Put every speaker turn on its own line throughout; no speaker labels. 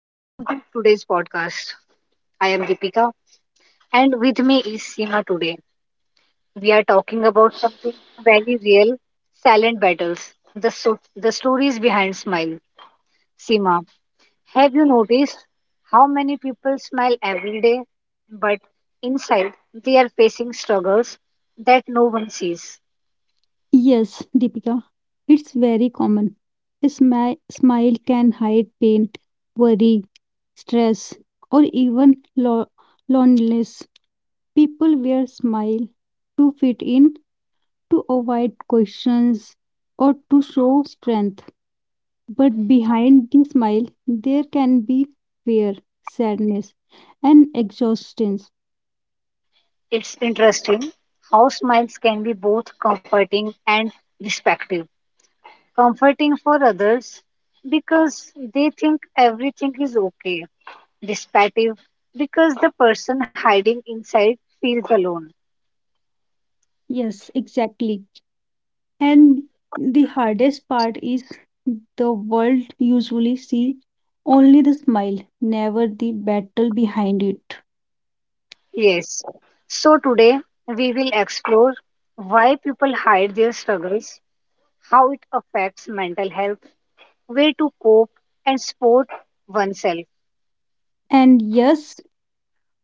Welcome to today's podcast. I am Deepika, and with me is Seema today. We are talking about something very real silent battles, the stories behind smile. Seema, have you noticed how many people smile every day, but inside they are facing struggles that no one sees?
Yes, Deepika, it's very common. A smile can hide pain, worry, stress, or even loneliness. People wear smile to fit in, to avoid questions, or to show strength. But behind the smile, there can be fear, sadness, and exhaustion.
It's interesting how smiles can be both comforting and respective comforting for others because they think everything is okay, dissipative because the person hiding inside feels alone.
Yes, exactly. And the hardest part is the world usually see only the smile, never the battle behind it.
Yes. So today we will explore why people hide their struggles, how it affects mental health, way to cope and support oneself.
And yes,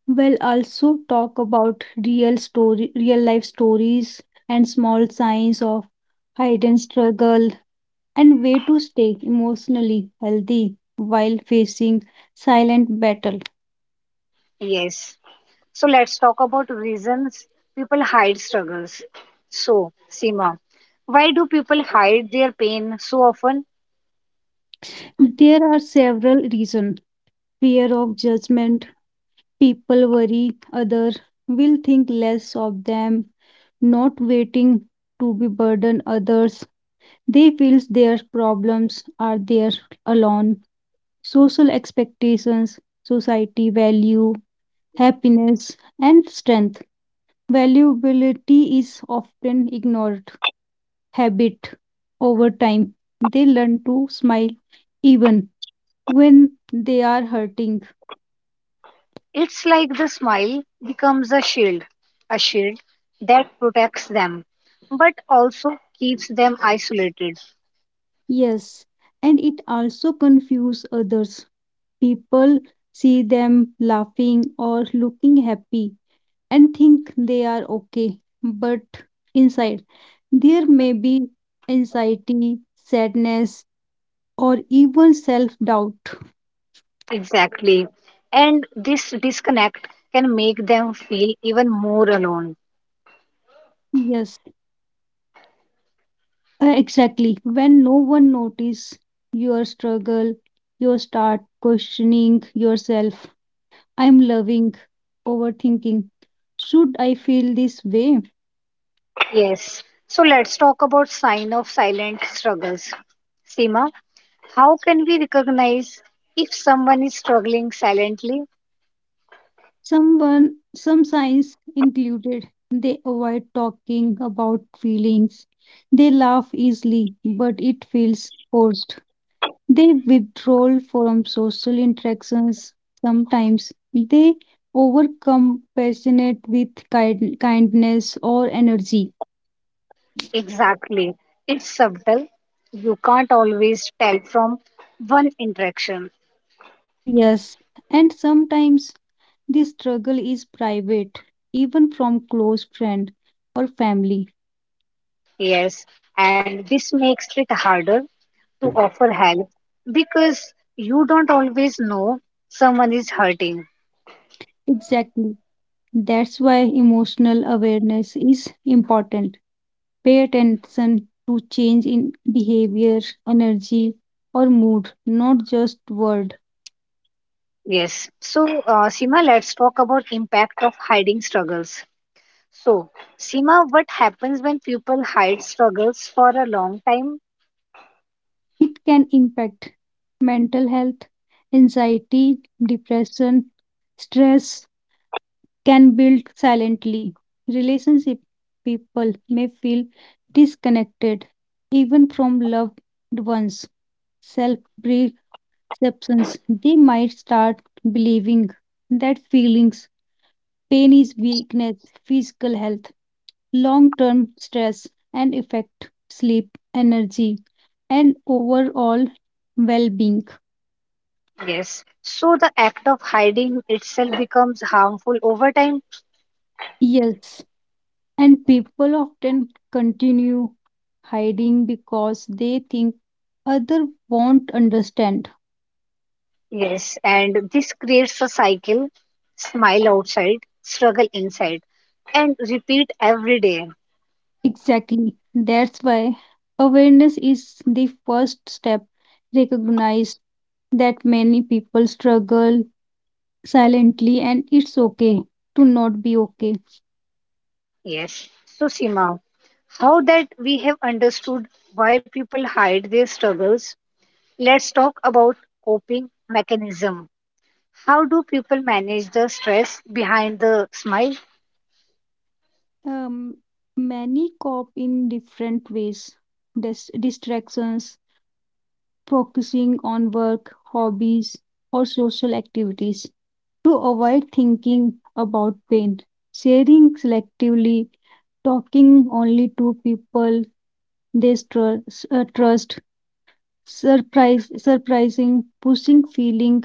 we'll also talk about real story, real life stories and small signs of hidden struggle and way to stay emotionally healthy while facing silent battle.
Yes. So let's talk about reasons people hide struggles. So, Seema, why do people hide their pain so often?
There are several reasons. Fear of judgment. People worry other will think less of them, not waiting to be burden others. They feel their problems are their alone. Social expectations, society value, happiness and strength. Valuability is often ignored. Habit over time. They learn to smile even when they are hurting.
It's like the smile becomes a shield that protects them, but also keeps them isolated.
Yes, and it also confuses others. People see them laughing or looking happy and think they are okay, but inside there may be anxiety, sadness, or even self doubt.
Exactly. And this disconnect can make them feel even more alone.
Yes, exactly. When no one notices your struggle, you start questioning yourself. I'm loving, overthinking. Should I feel this way?
Yes. So let's talk about sign of silent struggles. Seema, how can we recognize if someone is struggling silently?
Someone, some signs included they avoid talking about feelings. They laugh easily, but it feels forced. They withdraw from social interactions. Sometimes they overcome passionate with kindness or energy.
Exactly. It's subtle. You can't always tell from one interaction.
Yes, and sometimes this struggle is private, even from close friend or family.
Yes, and this makes it harder to offer help because you don't always know someone is hurting.
Exactly. That's why emotional awareness is important. Pay attention to change in behavior, energy, or mood, not just word.
Yes. So, Sima, let's talk about impact of hiding struggles. So, Sima, what happens when people hide struggles for a long time?
It can impact mental health, anxiety, depression, stress can build silently. Relationship people may feel disconnected even from loved ones. Self perceptions they might start believing that feelings pain is weakness, physical health, long term stress, and affect sleep, energy, and overall well being.
Yes. So the act of hiding itself becomes harmful over time.
Yes, and people often continue hiding because they think other won't understand.
Yes, and this creates a cycle: smile outside, struggle inside, and repeat every day.
Exactly. That's why awareness is the first step. Recognize that many people struggle silently and it's okay to not be okay.
Yes. So, Sima, now that we have understood why people hide their struggles, let's talk about coping mechanism. How do people manage the stress behind the smile?
Um, Many cope in different ways. Distractions, focusing on work, hobbies, or social activities to avoid thinking about pain. Sharing selectively, talking only to people they trust, surprise, surprising, pushing feeling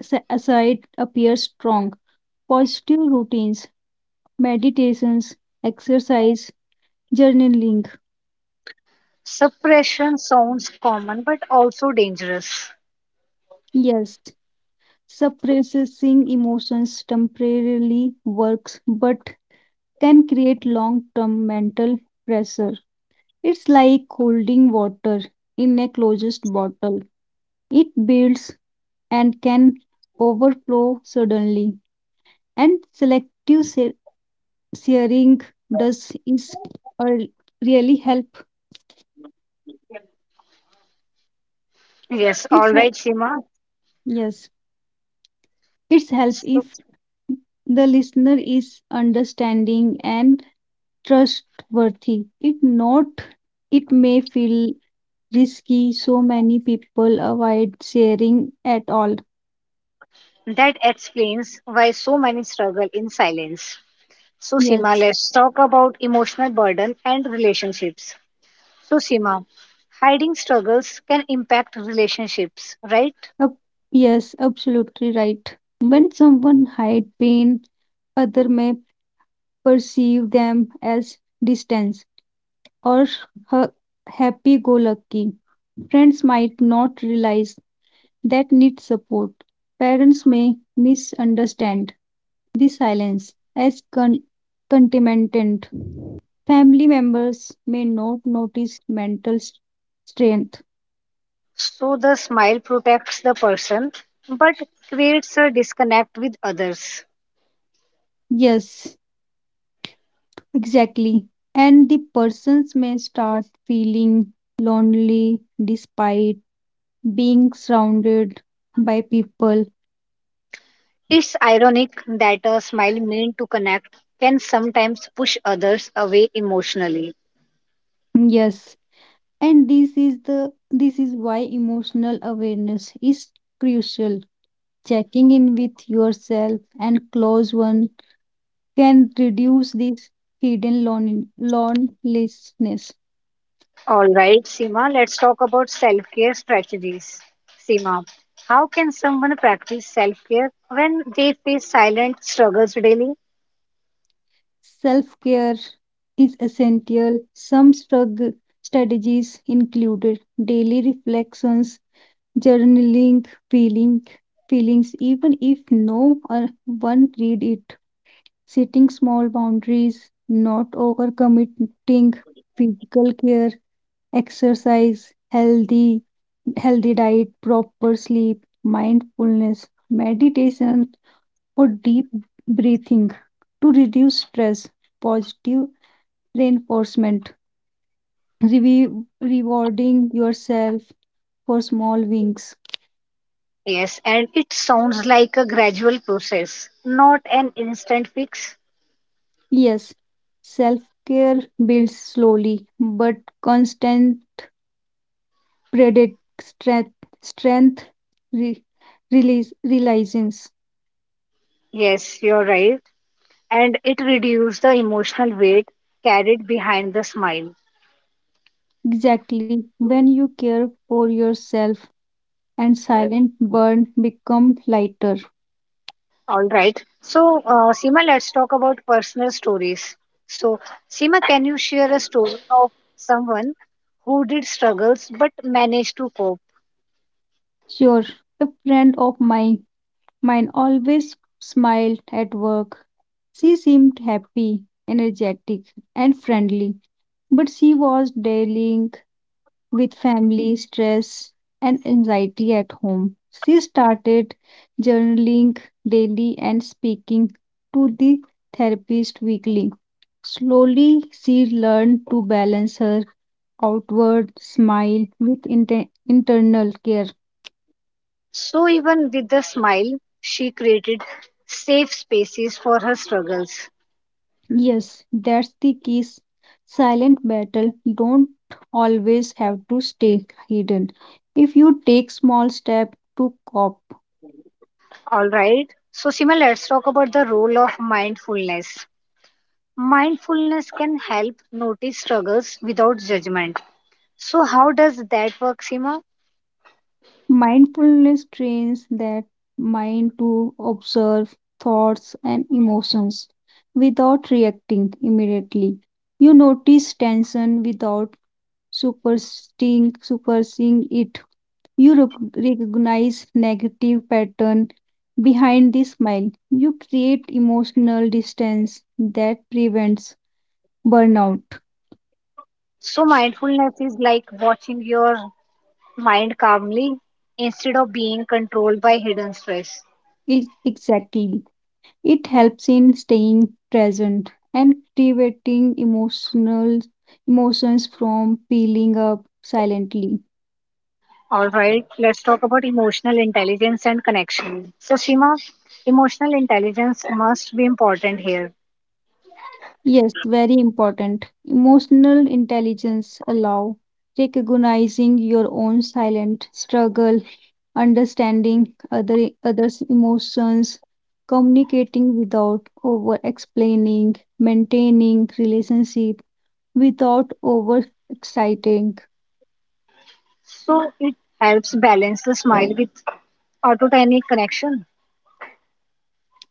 aside appears strong. Positive routines, meditations, exercise, journaling.
Suppression sounds common but also dangerous.
Yes. Suppressing emotions temporarily works but can create long term mental pressure. It's like holding water in a closed bottle, it builds and can overflow suddenly. And selective sharing does is or really help.
Yes,
It's
all
hel-
right, Sima.
yes, it's help
So
if the listener is understanding and trustworthy. It not it may feel risky, so many people avoid sharing at all.
that explains why so many struggle in silence. So, Sima,
Yes.
let's talk about emotional burden and relationships. So, Sima, hiding struggles can impact relationships, right?
ab- yes, absolutely right. When someone hide pain, other may perceive them as distance or ha- happy-go-lucky. Friends might not realize that need support. Parents may misunderstand the silence as contentment. Family members may not notice mental strength.
So, the smile protects the person but creates a disconnect with others.
Yes, exactly. And the persons may start feeling lonely despite being surrounded by people.
It's ironic that a smile meant to connect can sometimes push others away emotionally.
Yes, and this is why emotional awareness is crucial. Checking in with yourself and close one can reduce this hidden loneliness.
All right, Seema, let's talk about self care strategies. Seema, how can someone practice self care when they face silent struggles daily?
Self care is essential. Some strategies included daily reflections, journaling, feeling feelings, even if no or one read it, setting small boundaries, not overcommitting, physical care, exercise, healthy diet, proper sleep, mindfulness, meditation, or deep breathing to reduce stress positive reinforcement, rewarding yourself for small wins.
Yes, and it sounds like a gradual process, not an instant fix.
Yes, self care builds slowly, but constant predict strength, strength re- release, realizance.
Yes, you're right. And it reduces the emotional weight carried behind the smile.
Exactly when you care for yourself and silent burn become lighter.
All right. So, Seema, let's talk about personal stories. So, Seema, can you share a story of someone who did struggles but managed to cope?
Sure, a friend of mine Mine always smiled at work. She seemed happy, energetic, and friendly, but she was dealing with family stress and anxiety at home. She started journaling daily and speaking to the therapist weekly. Slowly, she learned to balance her outward smile with internal care.
So, even with the smile, she created safe spaces for her struggles.
Yes, that's the key. Silent battle don't always have to stay hidden. If you take small step to cope,
All right. So, Sima, let's talk about the role of mindfulness. Mindfulness can help notice struggles without judgment. So, how does that work, Sima?
mindfulness trains that mind to observe thoughts and emotions without reacting immediately. You notice tension without supersting, superseeing it. You recognize negative pattern behind the smile. You create emotional distance that prevents burnout.
So, mindfulness is like watching your mind calmly instead of being controlled by hidden stress.
Exactly. It helps in staying present and preventing emotional emotions from peeling up silently.
All right. Let's talk about emotional intelligence and connection. So, Sima, emotional intelligence must be important here.
Yes, very important. Emotional intelligence allow recognizing your own silent struggle understanding other others' emotions, communicating without over explaining, maintaining relationship without over exciting.
So, it helps balance the smile with autotonic connection.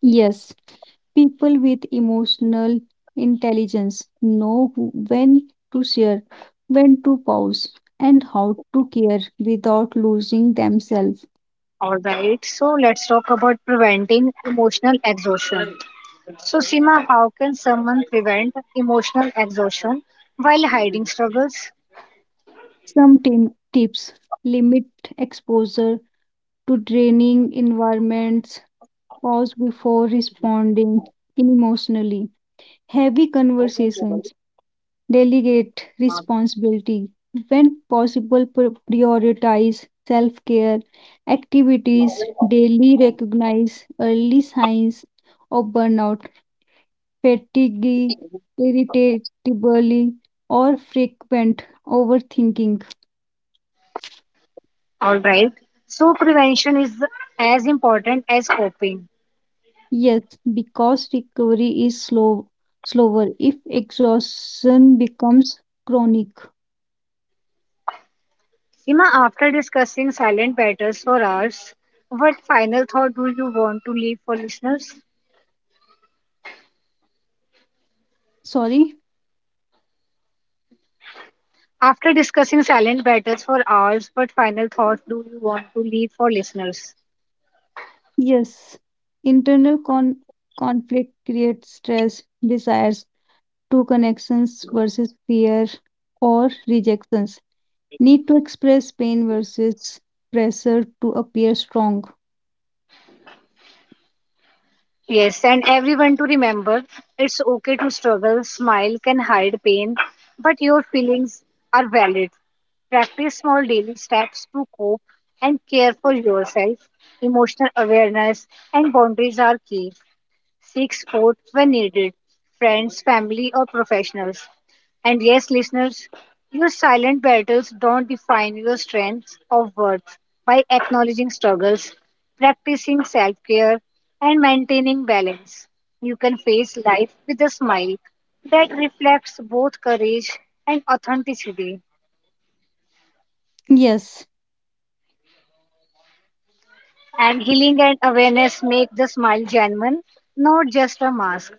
Yes, people with emotional intelligence know when to share, when to pause, and how to care without losing themselves.
All right, so let's talk about preventing emotional exhaustion. So, Sima, how can someone prevent emotional exhaustion while hiding struggles?
Some tips limit exposure to draining environments. Pause before responding emotionally. Heavy conversations. Delegate responsibility. When possible, prioritize self care activities. Daily recognize early signs of burnout, fatigue, irritability, or frequent overthinking.
All right, so prevention is as important as coping.
Yes, because recovery is slow, slower if exhaustion becomes chronic.
Sima, after discussing silent battles for hours, what final thought do you want to leave for listeners?
Sorry.
After discussing silent battles for hours, what final thought do you want to leave for listeners?
Yes, internal conflict creates stress, desires, true connections versus fear or rejections, need to express pain versus pressure to appear strong.
Yes, and everyone to remember it's okay to struggle. Smile can hide pain, but your feelings are valid. Practice small daily steps to cope and care for yourself. Emotional awareness and boundaries are key. Seek support when needed, friends, family, or professionals. And yes, listeners, your silent battles don't define your strengths or worth. By acknowledging struggles, practicing self care, and maintaining balance, you can face life with a smile that reflects both courage and authenticity.
Yes,
And healing and awareness make the smile genuine, not just a mask.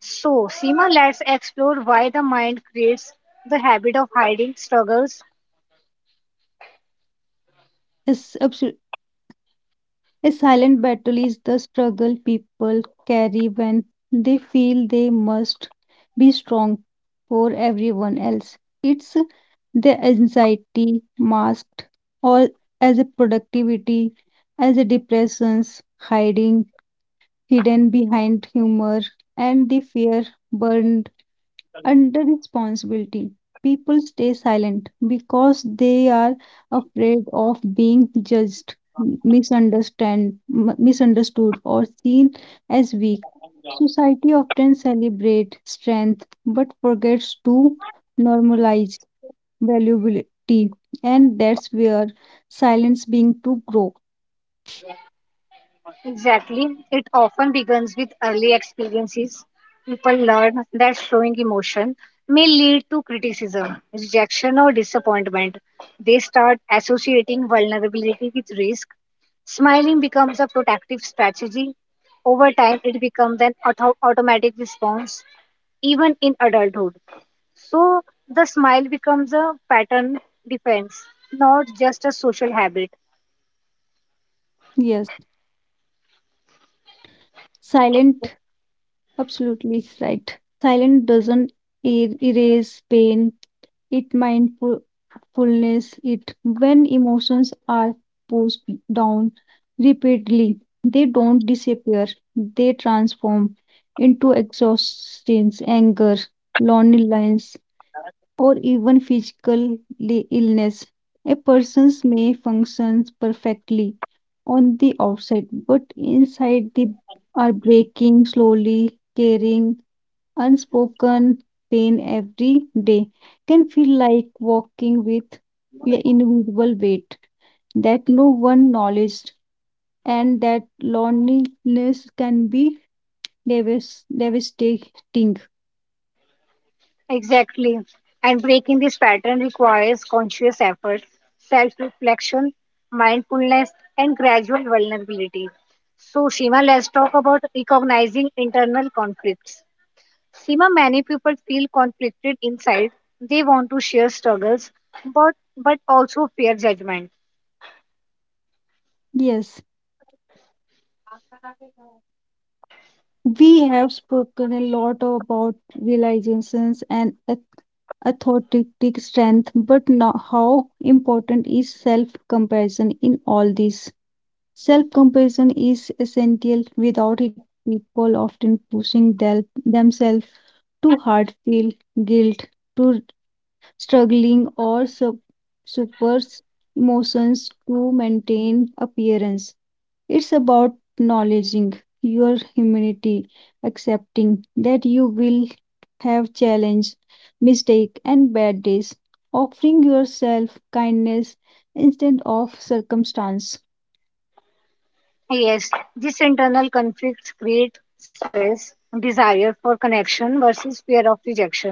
So, Seema, let's explore why the mind creates the habit of hiding struggles.
a, s- abso- a silent battle is the struggle people carry when they feel they must be strong for everyone else. It's their anxiety masked all as a productivity, as a depressions hiding hidden behind humor, and the fear burned under responsibility. People stay silent because they are afraid of being judged, misunderstood, or seen as weak. Society often celebrates strength but forgets to normalize valuability, and that's where silence being to grow.
Exactly. It often begins with early experiences. People learn that showing emotion may lead to criticism, rejection, or disappointment. They start associating vulnerability with risk. Smiling becomes a protective strategy. Over time, it becomes an automatic response, even in adulthood. So, the smile becomes a pattern defense, not just a social habit.
Yes, silent absolutely right. Silent doesn't erase pain. It mindfulness it when emotions are pushed down repeatedly, they don't disappear, they transform into exhaustion, anger, loneliness, or even physical illness. A person may function perfectly on the outside, but inside they are breaking slowly, carrying unspoken pain every day. Can feel like walking with an invisible weight that no one acknowledged, and that loneliness can be devastating.
Exactly. And breaking this pattern requires conscious effort, self reflection, mindfulness, and gradual vulnerability. So, Shima, let's talk about recognizing internal conflicts. Shima, many people feel conflicted inside. They want to share struggles, but also fear judgment.
Yes. We have spoken a lot about realizations and authentic strength, but now how important is self compassion in all this? Self compassion is essential. Without it, people often pushing themselves too hard, feel guilt, to struggling or suppress emotions to maintain appearance. It's about acknowledging your humanity, accepting that you will have challenge, mistake, and bad days, offering yourself kindness instead of circumstance.
Yes, these internal conflicts create stress, desire for connection versus fear of rejection,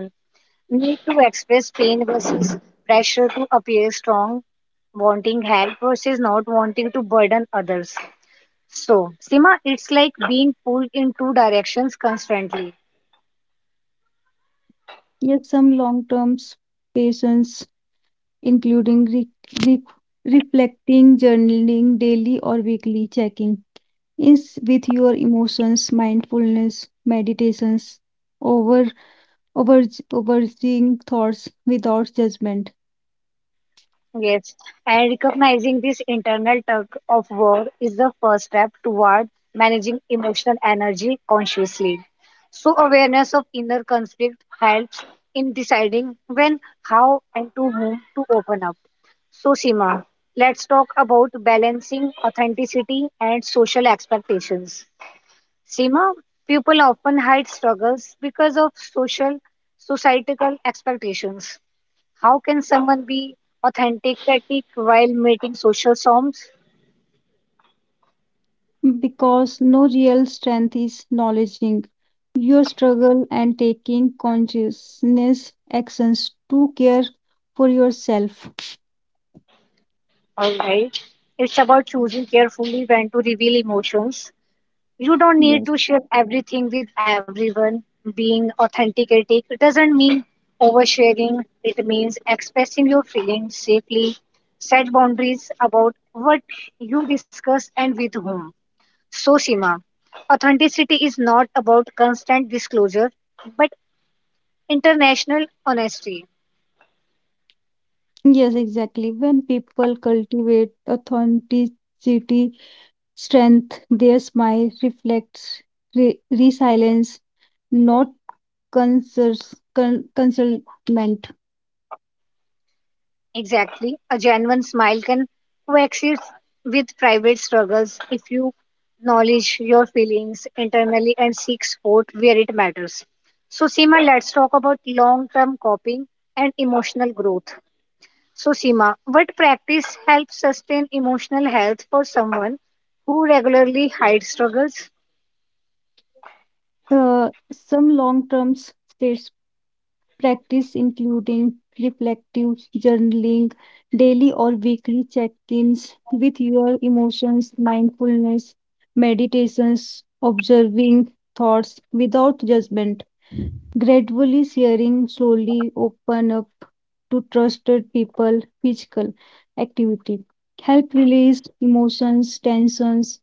need to express pain versus pressure to appear strong, wanting help versus not wanting to burden others. So, Sima, it's like being pulled in two directions constantly.
Yet some long-term patience, including re- reflecting, journaling daily or weekly, checking is with your emotions, mindfulness, meditations, over over overseeing thoughts without judgment
Yes, and recognizing this internal tug of war is the first step toward managing emotional energy consciously. So, awareness of inner conflict helps in deciding when, how, and to whom to open up. So, Sima, let's talk about balancing authenticity and social expectations. Sima, people often hide struggles because of societal expectations. How can someone be authentic critic while meeting social norms?
because no real strength is acknowledging your struggle and taking consciousness actions to care for yourself.
All right. It's about choosing carefully when to reveal emotions. You don't need
yes
to share everything with everyone. Being authenticated doesn't mean oversharing. It means expressing your feelings safely. Set boundaries about what you discuss and with whom. So, Sima, authenticity is not about constant disclosure, but international honesty.
yes, exactly. When people cultivate authenticity strength, their smile reflects resilience, not concerns concealment.
Exactly. A genuine smile can coexist with private struggles if you acknowledge your feelings internally and seek support where it matters. So, Seema, let's talk about long term coping and emotional growth. So, Seema, what practice helps sustain emotional health for someone who regularly hides struggles?
uh, some long-term practice including reflective journaling, daily or weekly check ins with your emotions, mindfulness, meditations, observing thoughts without judgment, gradually sharing slowly open up to trusted people physical activity help release emotions tensions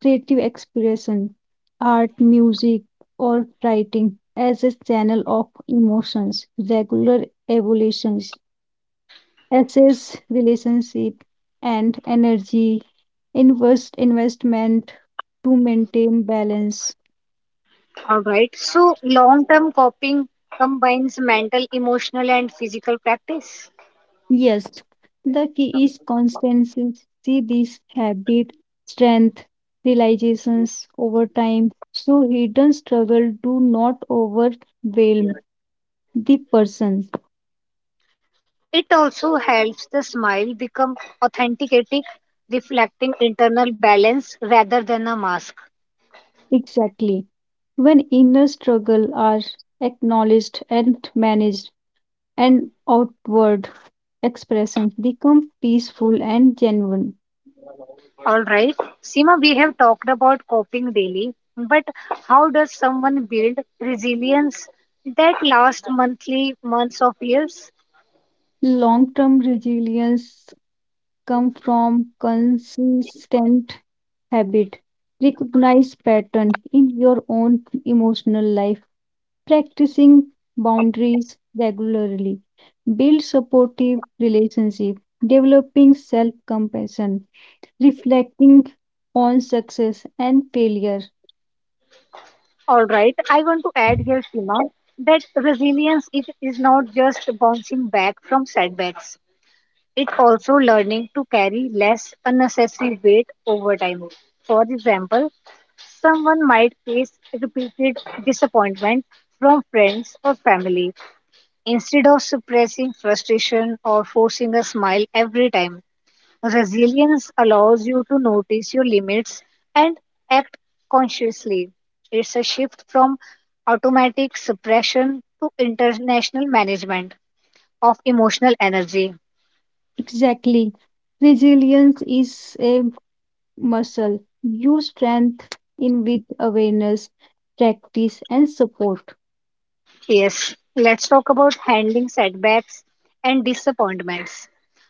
creative expression, art, music, or writing as a channel of emotions, regular evolutions, assess relationship and energy, investment to maintain balance.
All right. So, long term coping combines mental, emotional, and physical practice.
Yes, the key is constancy. See this habit, strength, realizations over time. So hidden struggle do not overwhelm the person.
It also helps the smile become authenticating, reflecting internal balance rather than a mask.
Exactly. When inner struggle are acknowledged and managed and outward expressions become peaceful and genuine.
All right, Sima, we have talked about coping daily, but how does someone build resilience that lasts monthly months of years?
Long-term resilience come from consistent habit. Recognize pattern in your own emotional life. Practicing boundaries regularly. Build supportive relationship. Developing self-compassion reflecting on success and failure.
All right, I want to add here, Sima, that resilience is not just bouncing back from setbacks. It's also learning to carry less unnecessary weight over time. For example, someone might face repeated disappointment from friends or family. Instead of suppressing frustration or forcing a smile every time, resilience allows you to notice your limits and act consciously. It's a shift from automatic suppression to international management of emotional energy.
Exactly. Resilience is a muscle. You strengthen with awareness, practice, and support.
Yes, let's talk about handling setbacks and disappointments.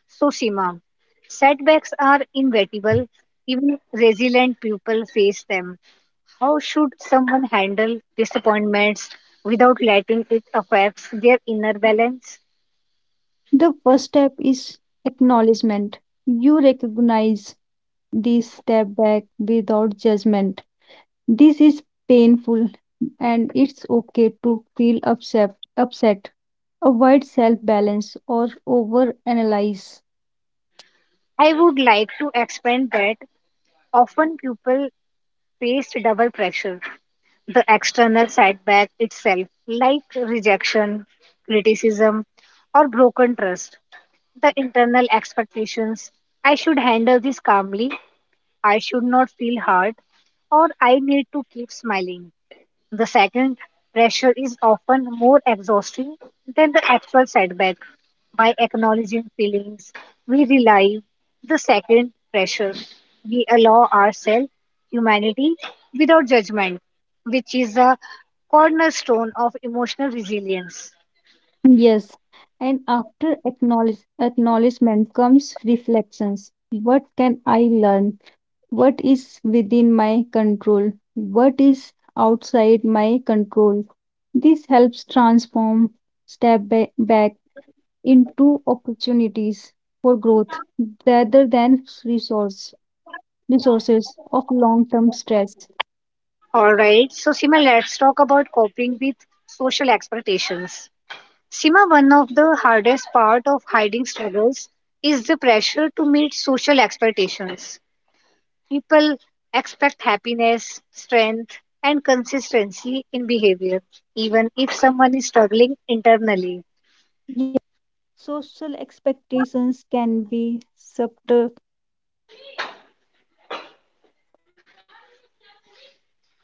So, Seema, setbacks are inevitable. Even resilient people face them. How should someone handle disappointments without letting it affect their inner balance?
The first step is acknowledgement. You recognize this step back without judgment. This is painful and it's okay to feel upset. Avoid self balance or over analyze.
I would like to expand that. Often people face double pressure. The external setback itself, like rejection, criticism, or broken trust the internal expectations. I should handle this calmly. I should not feel hard. Or I need to keep smiling. The second pressure is often more exhausting than the actual setback. By acknowledging feelings, we relieve the second pressure. We allow ourselves humanity without judgment, which is a cornerstone of emotional resilience.
Yes, and after acknowledgement comes reflections. What can I learn? What is within my control? What is outside my control? This helps transform back into opportunities for growth rather than resources of long-term stress.
All right. So, Sima, let's talk about coping with social expectations. Sima, one of the hardest part of hiding struggles is the pressure to meet social expectations. People expect happiness, strength, and consistency in behavior, even if someone is struggling internally.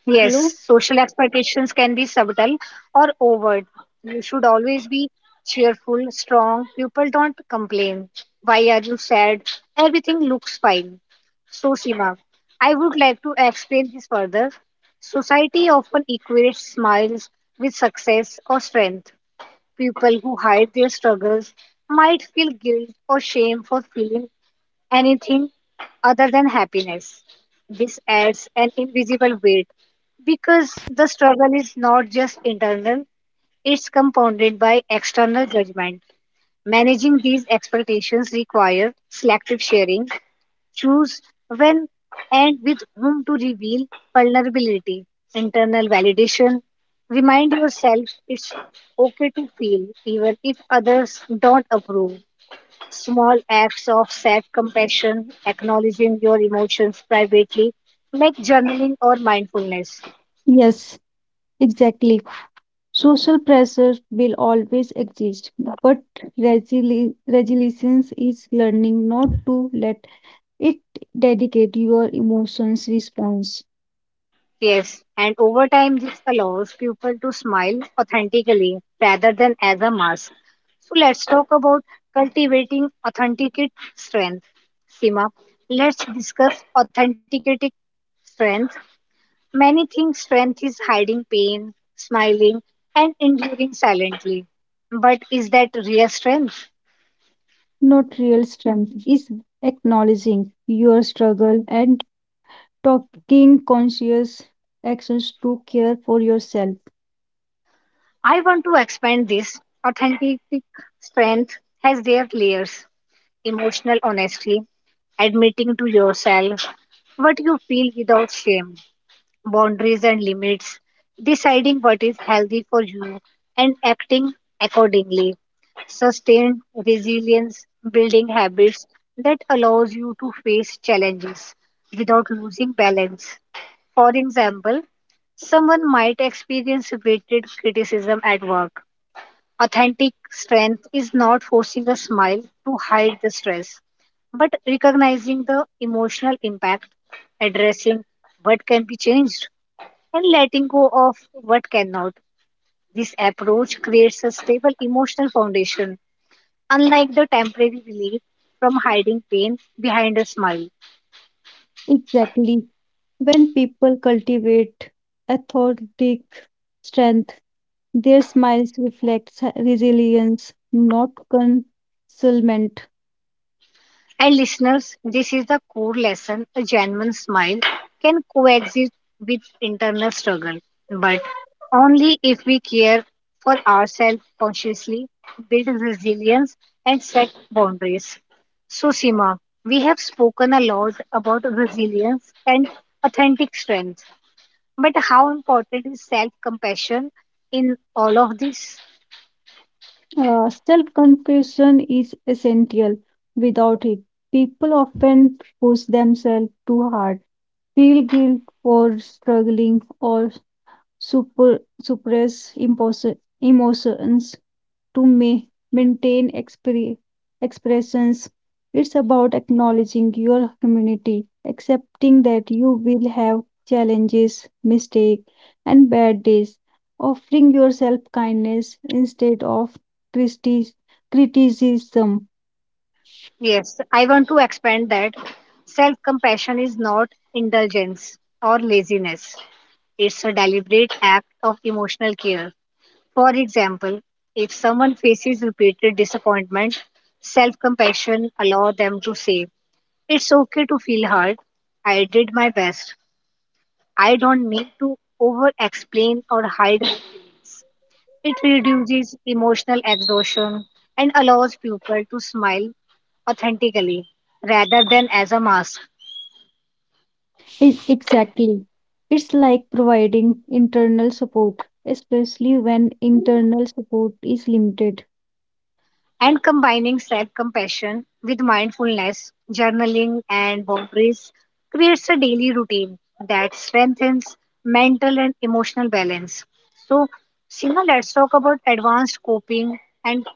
Yes, social expectations can be subtle or overt. You should always be cheerful, strong. People don't complain. Why are you sad? Everything looks fine. So, Sima, I would like to explain this further. Society often equates smiles with success or strength. People who hide their struggles might feel guilt or shame for feeling anything other than happiness. This adds an invisible weight because the struggle is not just internal, it's compounded by external judgment. Managing these expectations require selective sharing, choose when and with whom to reveal vulnerability, internal validation. Remind yourself it's okay to feel even if others don't approve. Small acts of self compassion, acknowledging your emotions privately, like journaling or mindfulness.
Yes, exactly. Social pressure will always exist, but resilience is learning not to let it dedicate your emotions response.
Yes, and over time, this allows people to smile authentically rather than as a mask. So, let's talk about cultivating authenticate strength. Sima, let's discuss authenticating strength. Many think strength is hiding pain, smiling, and enduring silently. But is that real strength?
Not real strength is acknowledging your struggle and taking conscious actions to care for yourself.
I want to expand this. Authentic strength has their layers emotional honesty, admitting to yourself what you feel without shame, boundaries and limits, deciding what is healthy for you, and acting accordingly. Sustained resilience, building habits that allows you to face challenges without losing balance. For example, someone might experience weighted criticism at work. Authentic strength is not forcing a smile to hide the stress, but recognizing the emotional impact, addressing what can be changed, and letting go of what cannot. This approach creates a stable emotional foundation, unlike the temporary relief from hiding pain behind a smile.
Exactly. When people cultivate authentic strength, their smiles reflects resilience, not concealment.
And listeners, this is the core lesson a genuine smile can coexist with internal struggle, but only if we care for ourselves consciously, build resilience, and set boundaries. So, Sima, we have spoken a lot about resilience and authentic strength, but how important is self compassion in all of this?
Self-confession is essential. Without it, people often push themselves too hard, feel guilt for struggling, or suppress emotions to ma- maintain expressions. It's about acknowledging your humanity, accepting that you will have challenges, mistakes, and bad days, offering yourself kindness instead of cristi- criticism.
Yes, I want to expand that. Self compassion is not indulgence or laziness, it's a deliberate act of emotional care. For example, if someone faces repeated disappointment, self compassion allows them to say, It's okay to feel hurt. I did my best. I don't need to over explain or hide it reduces emotional exhaustion and allows people to smile authentically rather than as a mask.
Exactly. It's like providing internal support, especially when internal support is limited.
And combining self compassion with mindfulness, journaling, and boundaries creates a daily routine that strengthens mental and emotional balance. So, Sima, let's talk about advanced coping and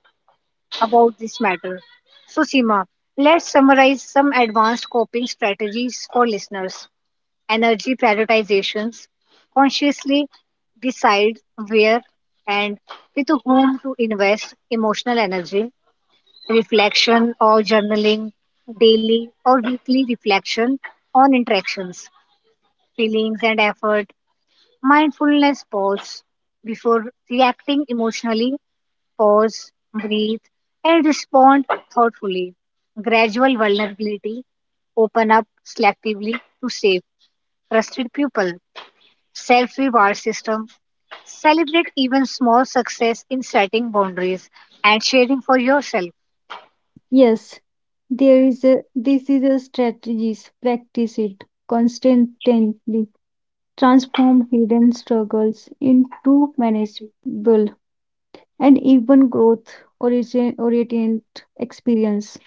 about this matter. So, Sima, let's summarize some advanced coping strategies for listeners. Energy prioritizations, consciously decide where and with whom to invest emotional energy, reflection or journaling, daily or weekly reflection on interactions, feelings and effort, mindfulness pause before reacting emotionally, pause, breathe, and respond thoughtfully. Gradual vulnerability, open up selectively to safe, trusted people self reward system. Celebrate even small success in setting boundaries and sharing for yourself.
Yes, There is a this is a strategies. Practice it constantly. Transform hidden struggles into manageable and even growth origin oriented experience.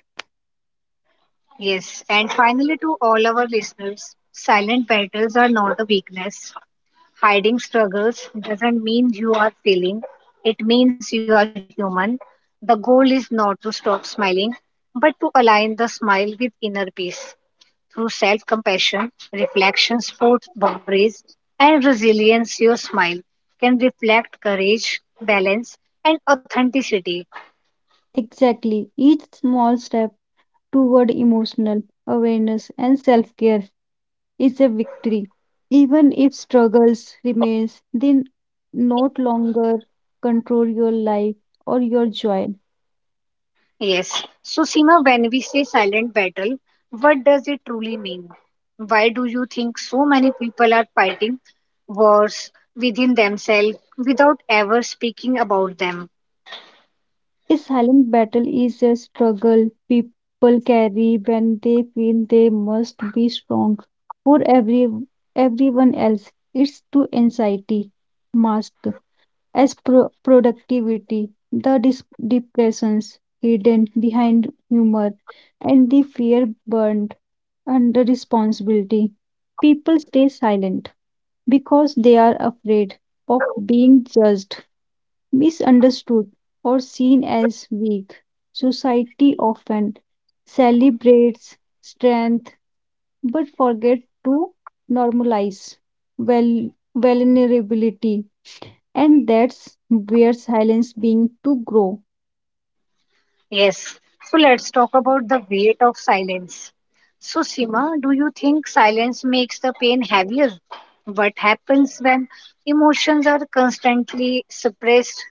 Yes, and finally, to all our listeners, silent battles are not a weakness. Hiding struggles doesn't mean you are failing, it means you are human. The goal is not to stop smiling, but to align the smile with inner peace. Through self compassion, reflection, sport boundaries, and resilience, your smile can reflect courage, balance, and authenticity.
Exactly. Each small step toward emotional awareness and self-care is a victory. Even if struggles remains, they no longer control your life or your joy.
Yes. So, Seema, when we say silent battle, what does it truly mean? Why do you think so many people are fighting wars within themselves without ever speaking about them?
A silent battle is a struggle people carry when they feel they must be strong for everyone else. It's to anxiety masked as productivity, the depressions hidden behind humor, and the fear burned under responsibility. People stay silent because they are afraid of being judged misunderstood or seen as weak. Society often celebrates strength but forgets to normalize val- vulnerability, and that's where silence being to grow.
Yes. So let's talk about the weight of silence. So, Sima, do you think silence makes the pain heavier? What happens when emotions are constantly suppressed?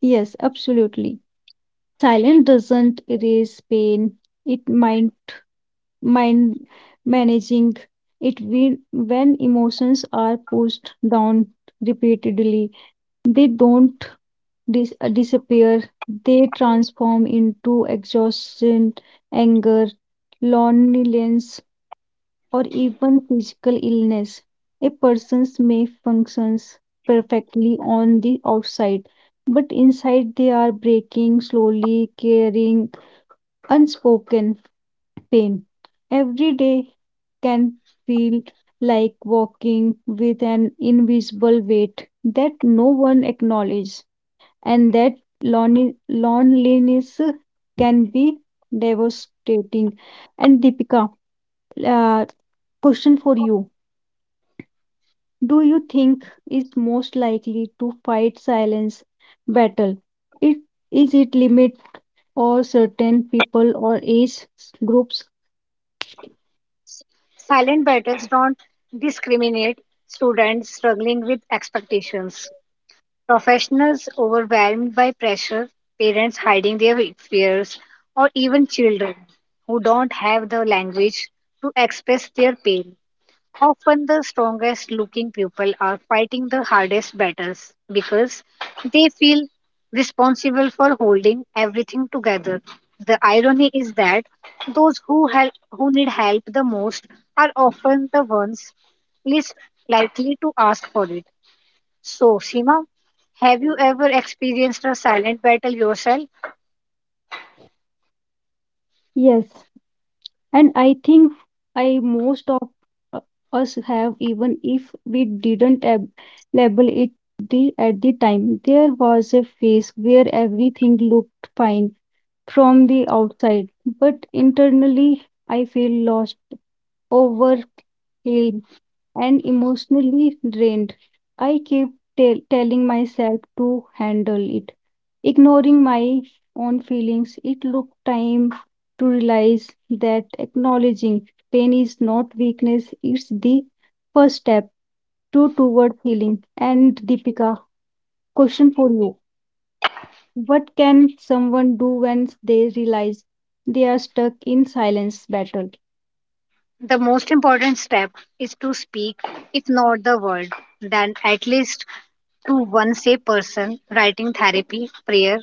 Yes, absolutely. Silence doesn't erase pain; it mind managing it when emotions are pushed down repeatedly. They don't disappear, they transform into exhaustion, anger, loneliness, or even physical illness. A person may functions perfectly on the outside, but inside they are breaking slowly, carrying unspoken pain. Every day can feel like walking with an invisible weight that no one acknowledges and that loneliness can be devastating. And Deepika, uh, question for you. Do you think is most likely to fight silence battle? It is it limit or certain people or age groups?
Silent battles don't discriminate students struggling with expectations, professionals overwhelmed by pressure, parents hiding their fears, or even children who don't have the language to express their pain. Often the strongest looking people are fighting the hardest battles because they feel responsible for holding everything together. The irony is that those who help, who need help the most are often the ones least likely to ask for it. So, Sima, have you ever experienced a silent battle yourself?
Yes, and I think I most of uh, us have even if we didn't label it the at the time there was a phase where everything looked fine from the outside but internally I feel lost overwhelmed and emotionally drained I keep telling myself to handle it ignoring my own feelings, it took time to realize that acknowledging pain is not weakness, it's the first step to toward healing. And Deepika, question for you. What can someone do when they realize they are stuck in silence battle?
The most important step is to speak, if not the word, then at least to one safe person, writing therapy, prayer,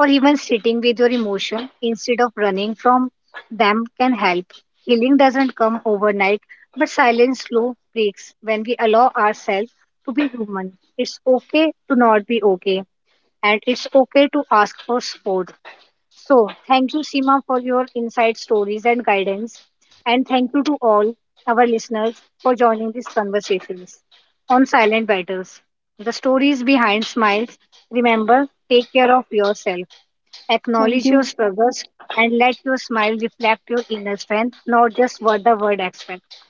or even sitting with your emotion instead of running from them can help. Healing doesn't come overnight, but silence slow breaks when we allow ourselves to be human. It's okay to not be okay, and it's okay to ask for support. So, thank you, Seema, for your insight, stories, and guidance. And thank you to all our listeners for joining these conversations on Silent Battles. The stories behind smiles. Remember, take care of yourself,
Thank
acknowledge your
you.
struggles, and let your smile reflect your inner strength, not just what the world expects.